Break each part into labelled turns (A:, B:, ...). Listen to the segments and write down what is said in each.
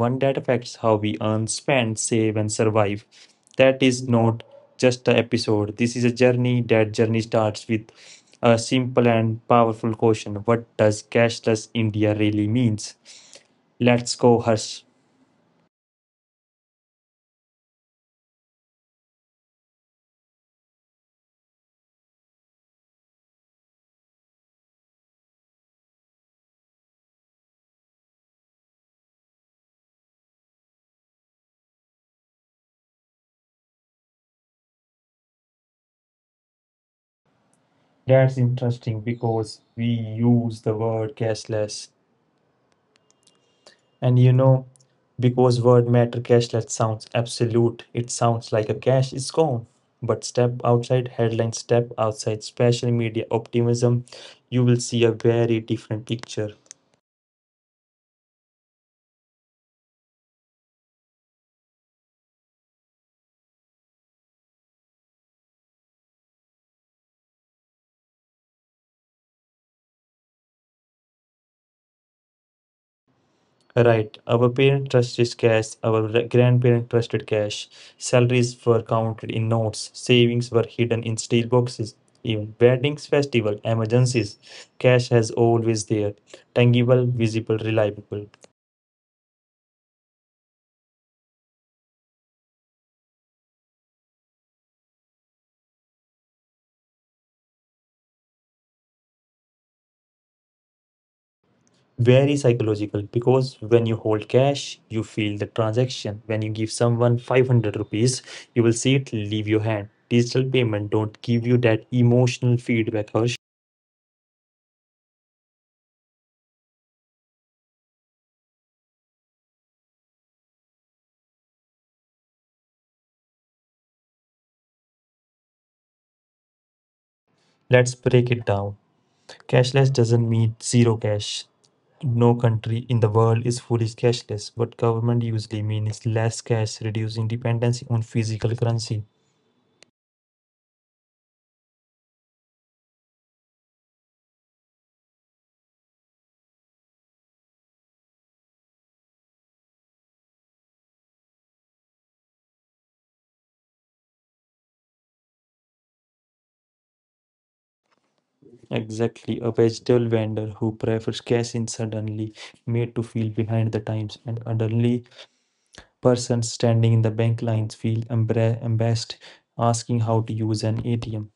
A: one that affects how we earn, spend, save and survive. That is not just an episode. This is a journey. That journey starts with a simple and powerful question. What does cashless India really means? Let's go, Harsh. That's interesting because we use the word cashless. And you know, because word matter, cashless sounds absolute, it sounds like a cash is gone. But step outside headlines, step outside special media optimism, you will see a very different picture. Right, our parent trusted cash, our grandparent trusted cash, salaries were counted in notes, savings were hidden in steel boxes, even weddings, festival, emergencies. Cash has always there, tangible, visible, reliable. Very psychological, because when you hold cash you feel the transaction. When you give someone 500 rupees you will see it leave your hand. Digital payment don't give you that emotional feedback. Harsh, let's break it down. Cashless doesn't mean zero cash. No country in the world is fully cashless. What government usually means is less cash, reducing dependency on physical currency. Exactly, a vegetable vendor who prefers cash in suddenly made to feel behind the times, and elderly person standing in the bank lines feel embarrassed asking how to use an ATM.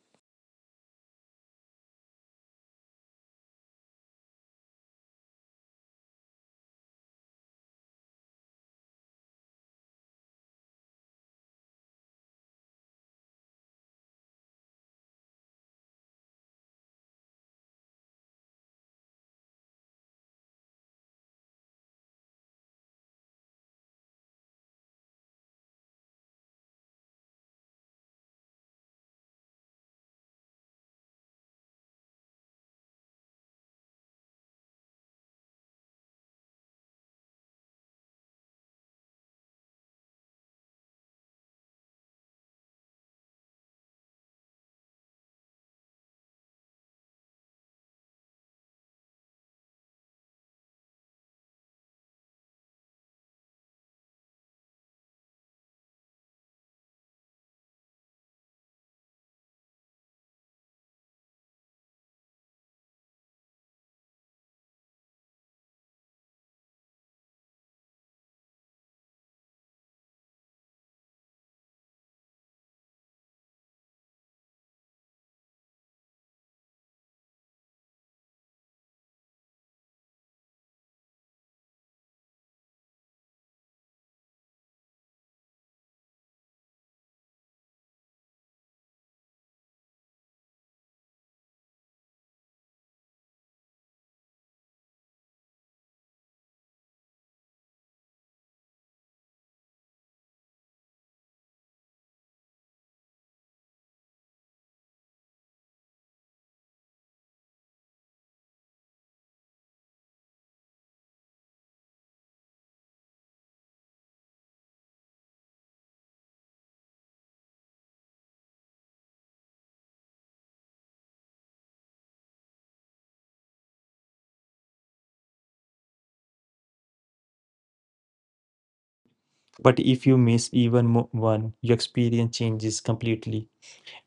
A: But if you miss even one, your experience changes completely.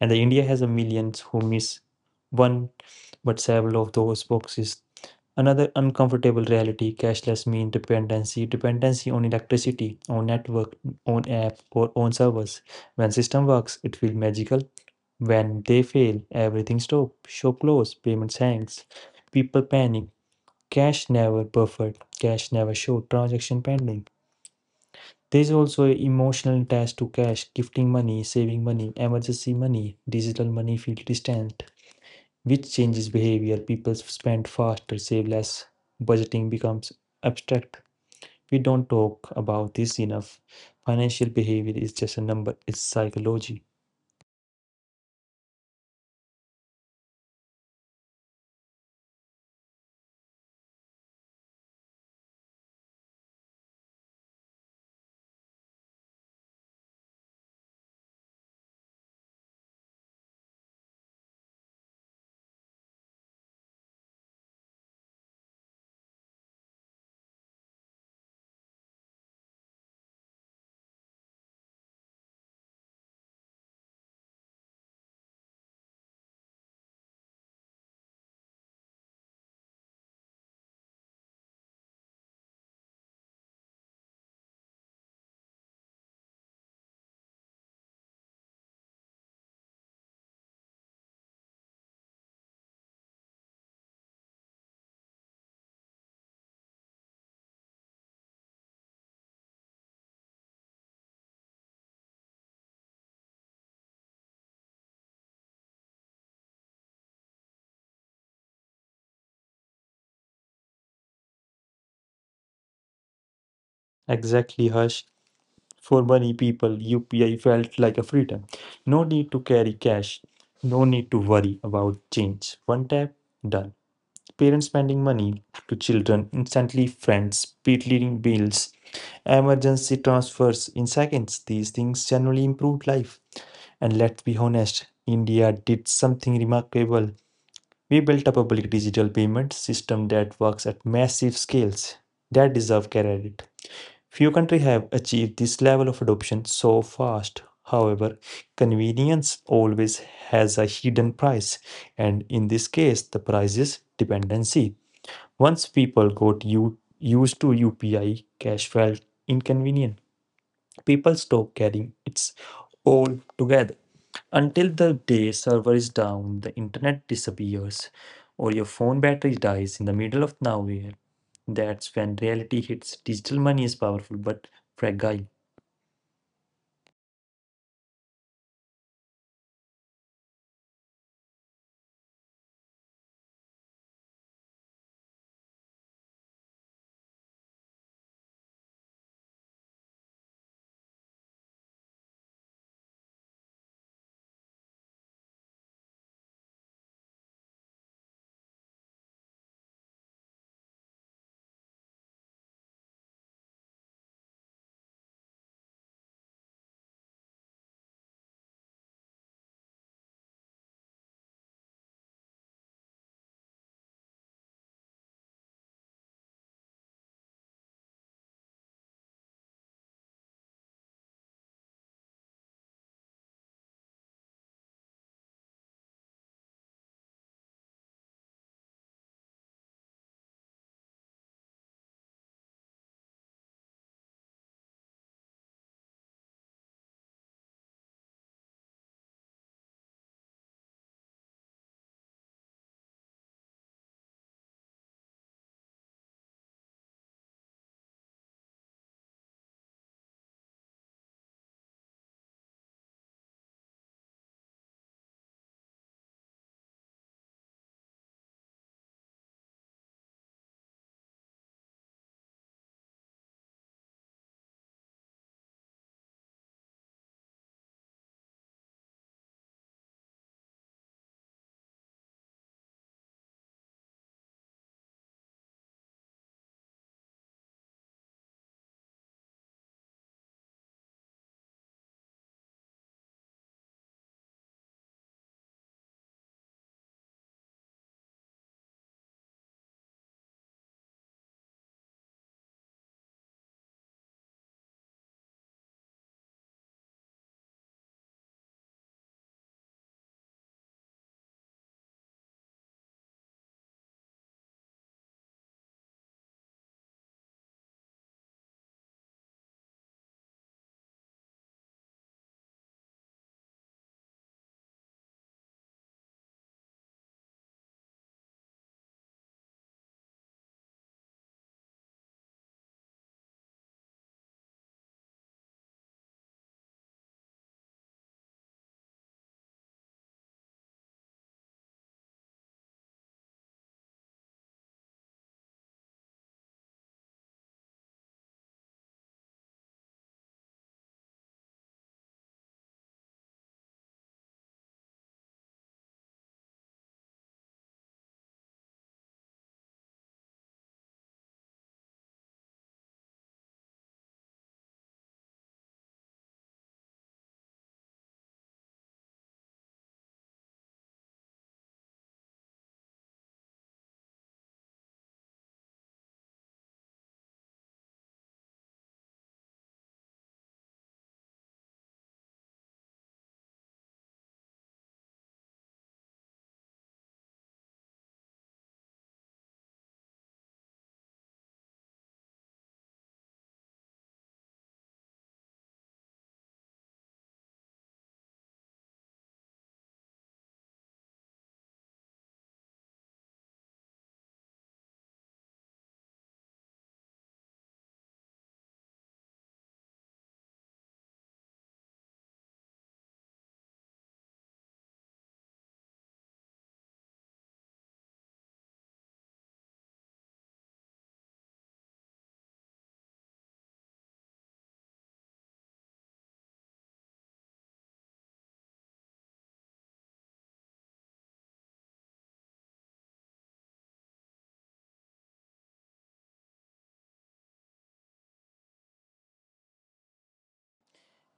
A: And the India has a millions who miss one but several of those boxes. Another uncomfortable reality, cashless means dependency, dependency on electricity, on network, on app, or on servers. When system works, it feels magical. When they fail, everything stops, shop close, payments hangs. People panic. Cash never buffered. Cash never showed transaction pending. There's also an emotional attached to cash, gifting money, saving money, emergency money. Digital money feel distant, which changes behavior. People spend faster, save less. Budgeting becomes abstract. We don't talk about this enough. Financial behavior is just a number, it's psychology. Exactly, Hush. For many people, UPI felt like a freedom. No need to carry cash, no need to worry about change. One tap, done. Parents spending money to children instantly, friends speed-leading bills, emergency transfers in seconds. These things generally improved life. And let's be honest, India did something remarkable. We built a public digital payment system that works at massive scales that deserve credit. Few countries have achieved this level of adoption so fast. However, convenience always has a hidden price, and in this case, the price is dependency. Once people got used to UPI, cash felt inconvenient, people stop caring it's all together. Until the day server is down, the internet disappears, or your phone battery dies in the middle of nowhere, that's when reality hits. Digital money is powerful but fragile.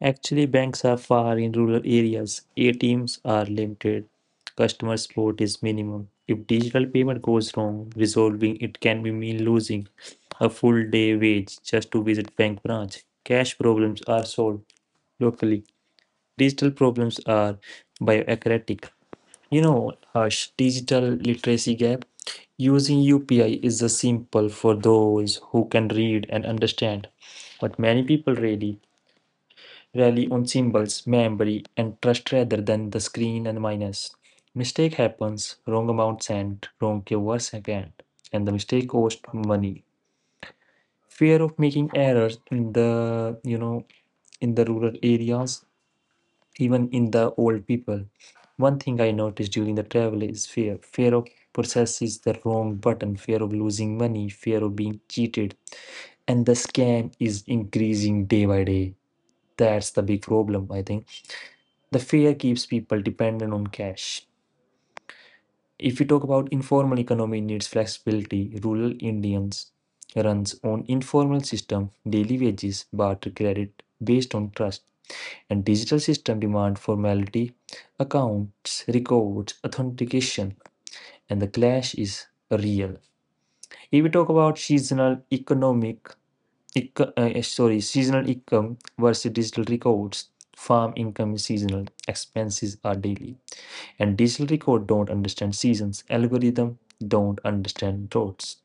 A: Actually, banks are far in rural areas, ATMs are limited, customer support is minimum. If digital payment goes wrong, resolving it can be mean losing a full day wage just to visit bank branch. Cash problems are solved locally. Digital problems are bioacratic. You know, Harsh, digital literacy gap. Using UPI is a simple for those who can read and understand, but many people really rely on symbols, memory, and trust rather than the screen and minus. Mistake happens, wrong amount sent, wrong keyword sent, and the mistake cost money. Fear of making errors in the in the rural areas, even in the old people. One thing I noticed during the travel is fear. Fear of possesses the wrong button, fear of losing money, fear of being cheated. And the scam is increasing day by day. That's the big problem, I think. The fear keeps people dependent on cash. If you talk about informal economy needs flexibility, rural Indians runs on informal system, daily wages, barter credit based on trust, and digital system demand formality, accounts, records, authentication, and the clash is real. If we talk about seasonal economic, seasonal income versus digital records, farm income is seasonal, expenses are daily, and digital record don't understand seasons. Algorithm don't understand roads.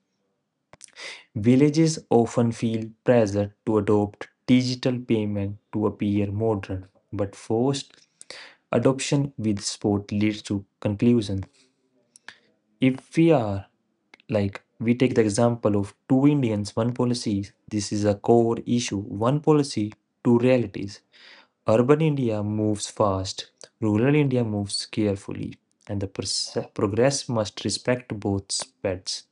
A: Villages often feel pressure to adopt digital payment to appear modern, but forced adoption with sport leads to conclusion. If we are like we take the example of two Indians, one policy, this is a core issue. One policy, two realities. Urban India moves fast, rural India moves carefully, and the progress must respect both speeds.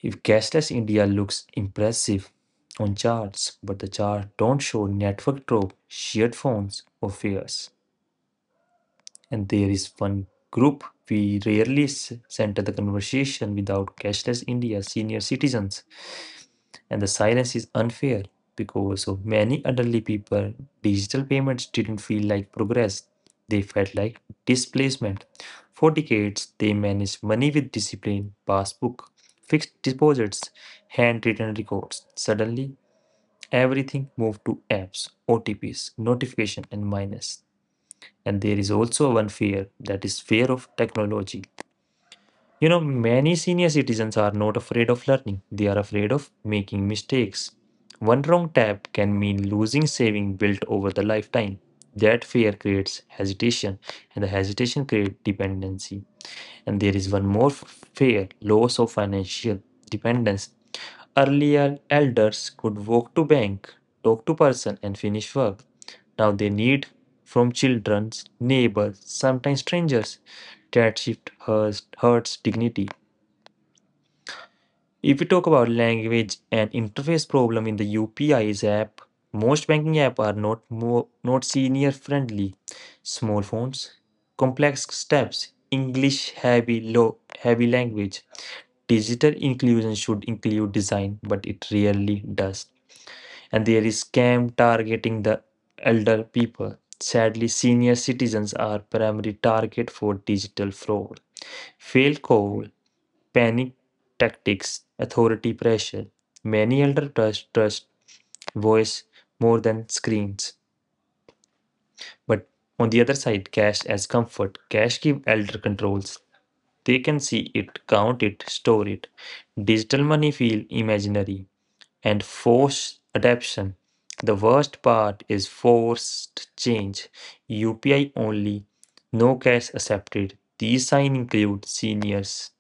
A: If cashless India looks impressive on charts, but the chart don't show network drop, shared phones, or fares. And there is one group we rarely center the conversation without cashless India, senior citizens. And the silence is unfair because of many elderly people, digital payments didn't feel like progress, they felt like displacement. For decades, they managed money with discipline, passbook, fixed deposits, handwritten records. Suddenly, everything moved to apps, OTPs, notification, and minus. And there is also one fear that is fear of technology. You know, many senior citizens are not afraid of learning, they are afraid of making mistakes. One wrong tap can mean losing saving built over the lifetime. That fear creates hesitation, and the hesitation creates dependency. And there is one more fear, loss of financial dependence. Earlier, elders could walk to bank, talk to person, and finish work. Now they need from children, neighbors, sometimes strangers. That shift hurts, hurts dignity. If we talk about language and interface problem in the UPI's app, most banking apps are not more, not senior friendly. Small fonts, complex steps, English heavy low heavy language. Digital inclusion should include design, but it rarely does, and there is scam targeting the elder people. Sadly, senior citizens are primary target for digital fraud. Failed call, panic tactics, authority pressure. Many elder trust voice more than screens. But on the other side, cash as comfort. Cash give elder controls. They can see it, count it, store it. Digital money feel imaginary and forced adaptation. The worst part is forced change. UPI only, no cash accepted. These signs include seniors.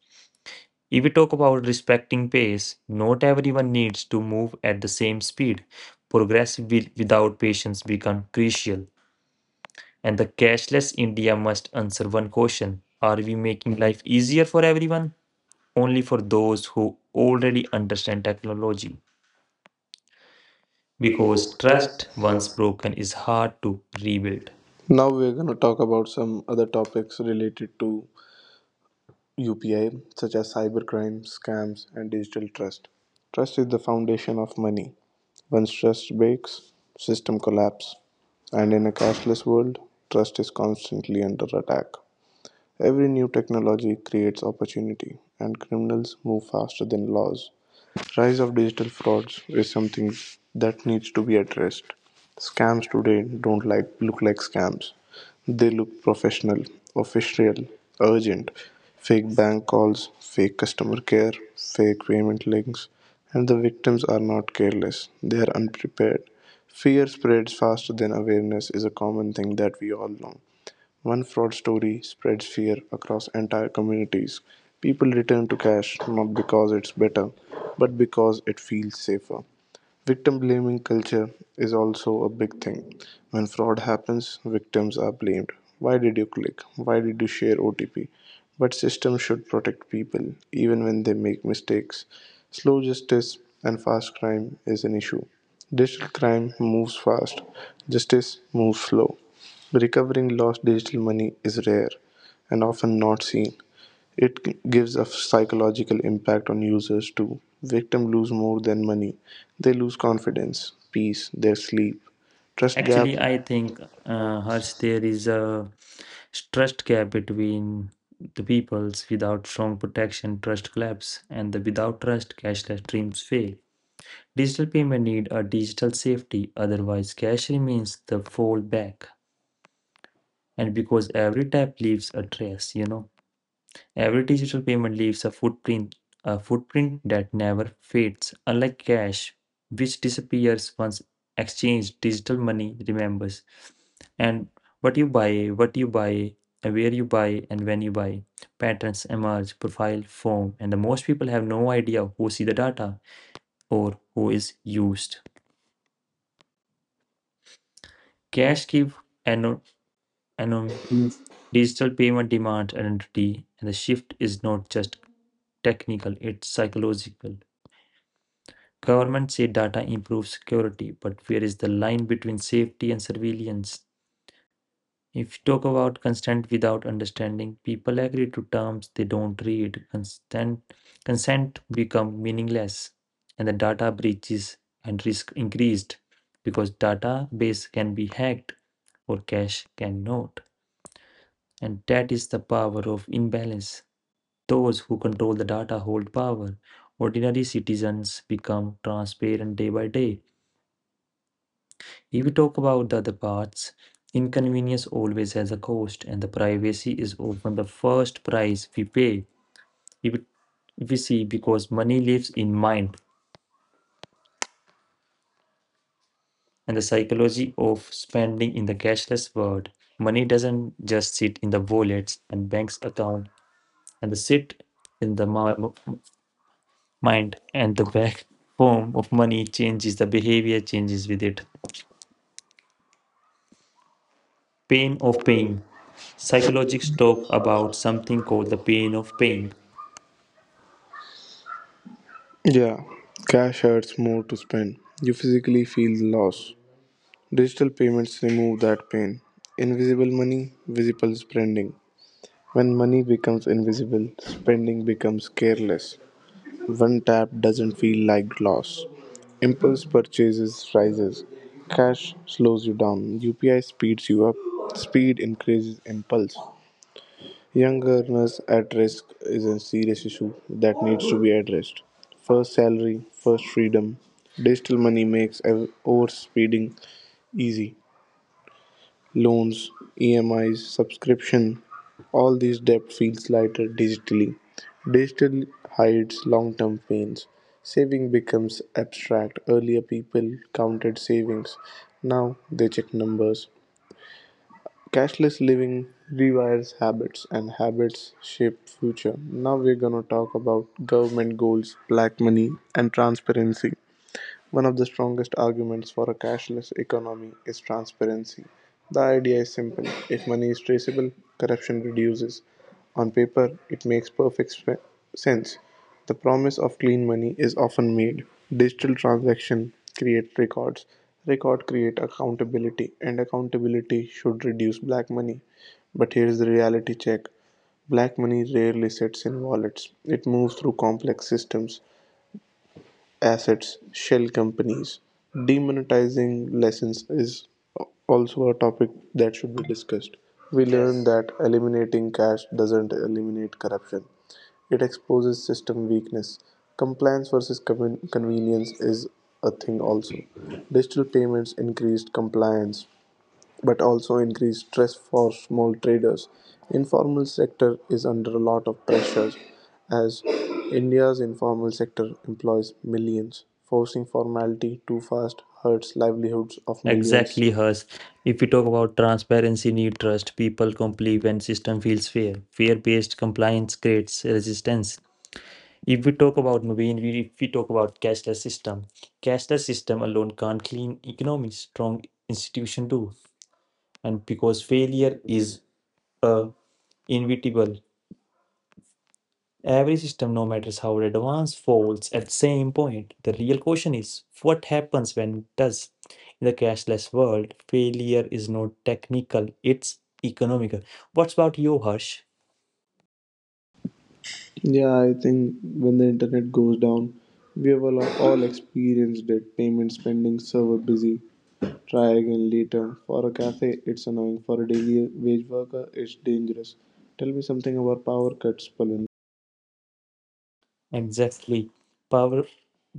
A: If we talk about respecting pace, not everyone needs to move at the same speed. Progress without patience become crucial. And the cashless India must answer one question. Are we making life easier for everyone? Only for those who already understand technology. Because trust once broken is hard to rebuild.
B: Now we're going to talk about some other topics related to UPI, such as cybercrime, scams, and digital trust. Trust is the foundation of money. Once trust breaks, system collapse. And in a cashless world, trust is constantly under attack. Every new technology creates opportunity, and criminals move faster than laws. Rise of digital frauds is something that needs to be addressed. Scams today don't look like scams. They look professional, official, urgent. Fake bank calls, fake customer care, fake payment links, and the victims are not careless. They are unprepared. Fear spreads faster than awareness is a common thing that we all know. One fraud story spreads fear across entire communities. People return to cash not because it's better, but because it feels safer. Victim blaming culture is also a big thing. When fraud happens, victims are blamed. Why did you click? Why did you share OTP? But systems should protect people even when they make mistakes. Slow justice and fast crime is an issue. Digital crime moves fast, justice moves slow. Recovering lost digital money is rare and often not seen. It gives a psychological impact on users too. Victims lose more than money. They lose confidence, peace, their sleep, trust gap.
A: Actually, I think Harsh, there is a trust gap between the peoples. Without strong protection, trust collapse, and the without trust, cashless dreams fail. Digital payment need a digital safety, otherwise cash remains the fallback. And because every tap leaves a trace, you know. Every digital payment leaves a footprint that never fades, unlike cash, which disappears once exchanged. Digital money remembers, and what you buy, and where you buy, and when you buy. Patterns emerge, profile form, and the most people have no idea who see the data or who is used. Cash give, and digital payment demand identity, and the shift is not just technical; it's psychological. Government say data improves security, but where is the line between safety and surveillance? If you talk about consent without understanding, people agree to terms they don't read. Consent become meaningless, and the data breaches and risk increased because database can be hacked or cache cannot. And that is the power of imbalance. Those who control the data hold power. Ordinary citizens become transparent day by day. If we talk about the other parts, inconvenience always has a cost, and the privacy is often the first price we pay. If it- if we see, because money lives in mind, and the psychology of spending in the cashless world, money doesn't just sit in the wallets and banks account, and the sit in the mind, and the back form of money changes, the behavior changes with it. Pain of paying. Psychologists talk about something called the pain of paying.
B: Yeah, cash hurts more to spend. You physically feel the loss. Digital payments remove that pain. Invisible money, visible spending. When money becomes invisible, spending becomes careless. One tap doesn't feel like loss. Impulse purchases rises. Cash slows you down. UPI speeds you up. Speed increases impulse. Young earners at risk is a serious issue that needs to be addressed. First salary, first freedom. Digital money makes overspeeding easy loans, EMIs, subscription, all these debt feels lighter digitally. Digital hides long term pains. Saving becomes abstract. Earlier, people counted savings, now they check numbers. Cashless living rewires habits, and habits shape future. Now we're gonna talk about government goals, black money, and transparency. One of the strongest arguments for a cashless economy is transparency. The idea is simple if money is traceable, corruption reduces. On paper, it makes perfect sense. The promise of clean money is often made. Digital transaction create records. Record create accountability and accountability should reduce black money. But here's the reality check. Black money rarely sits in wallets. It moves through complex systems assets shell companies. Demonetizing lessons is also a topic that should be discussed. We learn that eliminating cash doesn't eliminate corruption. It exposes system weakness. Compliance versus convenience is a thing also. Digital payments increased compliance, but also increased stress for small traders. Informal sector is under a lot of pressure as India's informal sector employs millions. Forcing formality too fast hurts livelihoods of millions.
A: Exactly, hers. If we talk about transparency, need trust, people comply when system feels fair. Fear-based compliance creates resistance. If we talk about Naveen, we If we talk about cashless system alone can't clean economy. Strong institution do, and because failure is uh, inevitable. Every system, no matter how advanced, falls at the same point. The real question is what happens when it does? In the cashless world, failure is not technical, it's economical. What's about you, Harsh?
B: Yeah, I think when the internet goes down, we have all experienced it. Payments pending, server busy, try again later. For a cafe, it's annoying. For a daily wage worker, it's dangerous. Tell me something about power cuts, Palin.
A: Exactly. Power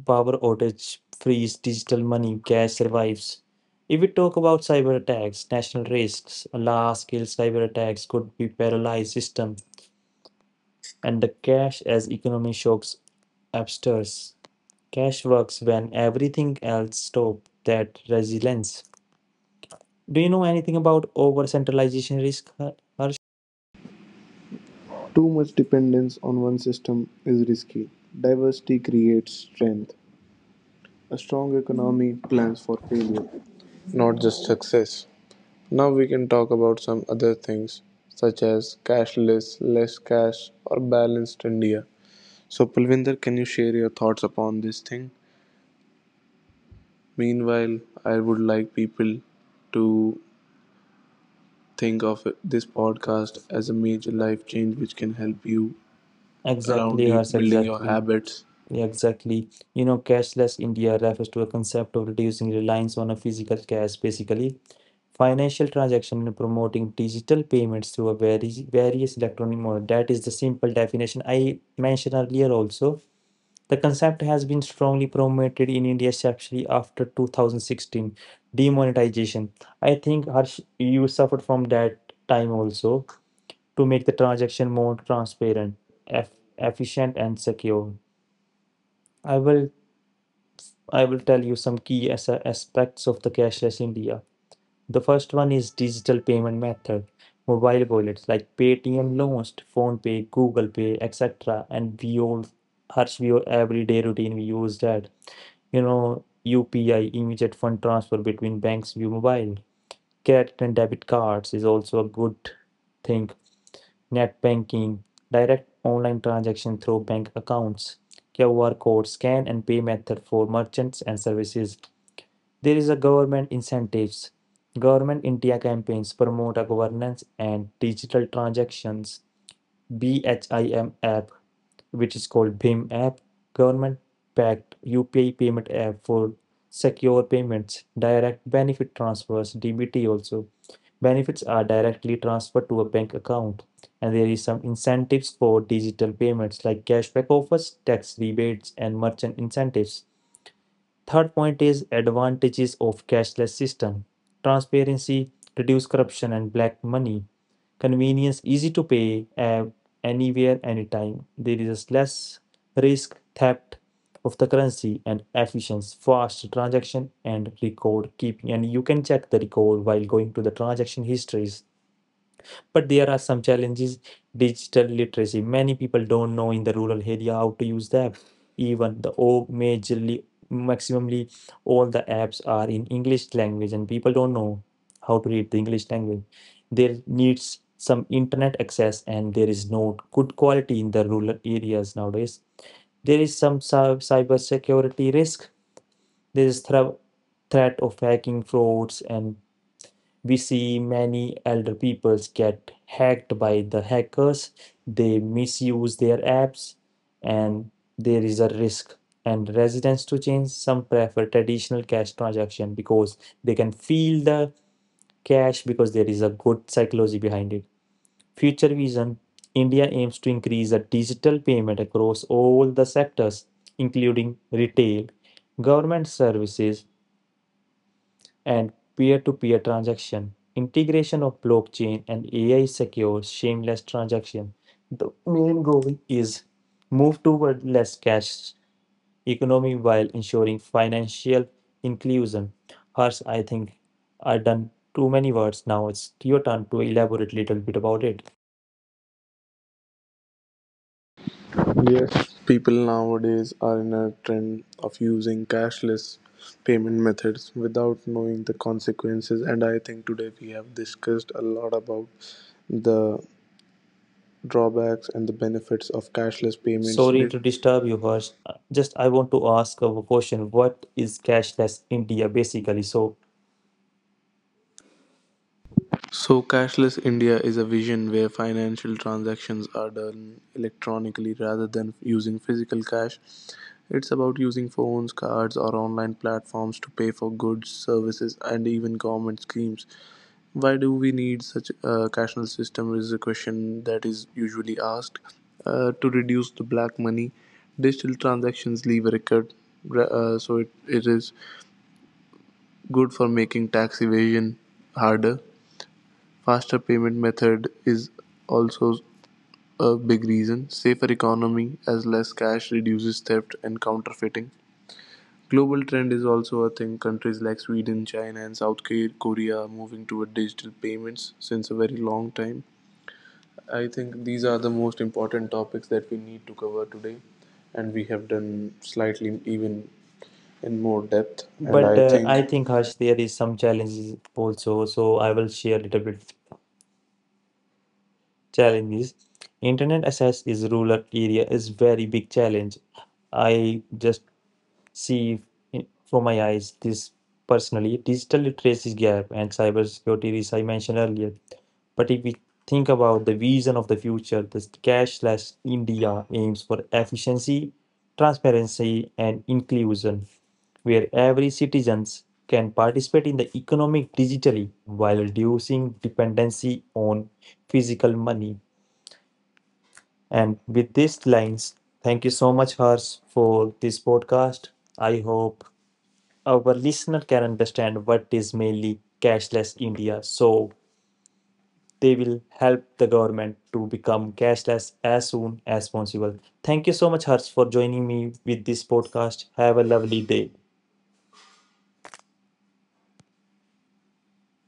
A: power outage, freeze, digital money, cash survives. If we talk about cyber attacks, national risks, large scale cyber attacks could be paralyzed system, and the cash as economy shocks upstairs. Cash works when everything else stops. That resilience. Do you know anything about over centralization risk, Harsh?
B: Too much dependence on one system is risky. Diversity creates strength. A strong economy plans for failure, not just success. Now we can talk about some other things such as cashless, less cash, or balanced India. So, Pulvinder, can you share your thoughts upon this thing? Meanwhile, I would like people to think of this podcast
A: Podcast as
B: as
A: a
B: a
A: new to
B: major
A: life
B: life change
A: change which
B: which can
A: can
B: help
A: help you.
B: you around
A: Exactly, around
B: you
A: Harsh,
B: building your
A: exactly. Habits.
B: habits.
A: Yeah, exactly. You know, cashless India refers to a concept of reducing reliance on a physical cash, basically financial transaction and promoting digital payments through a various electronic mode. That is the simple definition I mentioned earlier also. The concept has been strongly promoted in India, especially after 2016 demonetization. I think Harsh, you suffered from that time also, to make the transaction more transparent, eff- efficient, and secure. I will I will tell you some key aspects of the cashless India. The first one is digital payment method, mobile wallets like Paytm launched, PhonePe, Google Pay, etc. And we all Harsh, we all, everyday routine we use that you know, UPI, immediate fund transfer between banks via mobile. Credit and debit cards is also a good thing. Net banking, direct online transaction through bank accounts, QR code scan and pay method for merchants and services. There is a government incentives. Government India campaigns promote a governance and digital transactions BHIM app, which is called Bhim app, government backed UPI payment app for secure payments, direct benefit transfers, DBT also. Benefits are directly transferred to a bank account, and there is some incentives for digital payments like cashback offers, tax rebates, and merchant incentives. Third point is advantages of cashless system. Transparency, reduce corruption and black money. Convenience, easy to pay app anywhere, anytime. There is less risk theft of the currency and efficiency, fast transaction and record keeping. And you can check the record while going to the transaction histories, but there are some challenges. Digital literacy, many people don't know in the rural area how to use the app, even the oh majorly maximumly, all the apps are in English language and people don't know how to read the English language. There needs some internet access and there is no good quality in the rural areas. Nowadays there is some cyber security risk. There is threat of hacking frauds, and we see many elder peoples get hacked by the hackers. They misuse their apps, and there is a risk. And residents to change, some prefer traditional cash transaction because they can feel the cash because there is a good psychology behind it. Future vision, India aims to increase the digital payment across all the sectors, including retail, government services, and peer-to-peer transaction. Integration of blockchain and AI secures seamless transaction. The main goal is move toward less cash economy while ensuring financial inclusion. Hers, I think I've done too many words now. It's your turn to elaborate a little bit about it.
B: Yes, people nowadays are in a trend of using cashless payment methods without knowing the consequences. And I think today we have discussed a lot about the drawbacks and the benefits of cashless payments.
A: Sorry to disturb you, Harsh. Just I want to ask a question. What is cashless India basically? So,
B: So, cashless India is a vision where financial transactions are done electronically rather than using physical cash. It's about using phones, cards, or online platforms to pay for goods, services, and even government schemes. Why do we need such a cashless system? Is a question that is usually asked. To reduce the black money, digital transactions leave a record, so it is good for making tax evasion harder. Faster payment method is also a big reason. Safer economy as less cash reduces theft and counterfeiting. Global trend is also a thing. Countries like Sweden, China, and South Korea are moving toward digital payments since a very long time. I think these are the most important topics that we need to cover today, and we have done slightly even in more depth. And
A: But
B: I think
A: I think Harsh, there is some challenges also, so I will share a little bit challenges. Internet access is rural area is very big challenge. I just see from my eyes this personally, digital literacy gap and cybersecurity risk I mentioned earlier. But if we think about the vision of the future, the cashless India aims for efficiency, transparency, and inclusion, where every citizen can participate in the economic digitally while reducing dependency on physical money. And with these lines, thank you so much, Hers, for this podcast. I hope our listener can understand what is mainly cashless India so they will help the government to become cashless as soon as possible. Thank you so much, Harsh, for joining me with this podcast. Have a lovely day.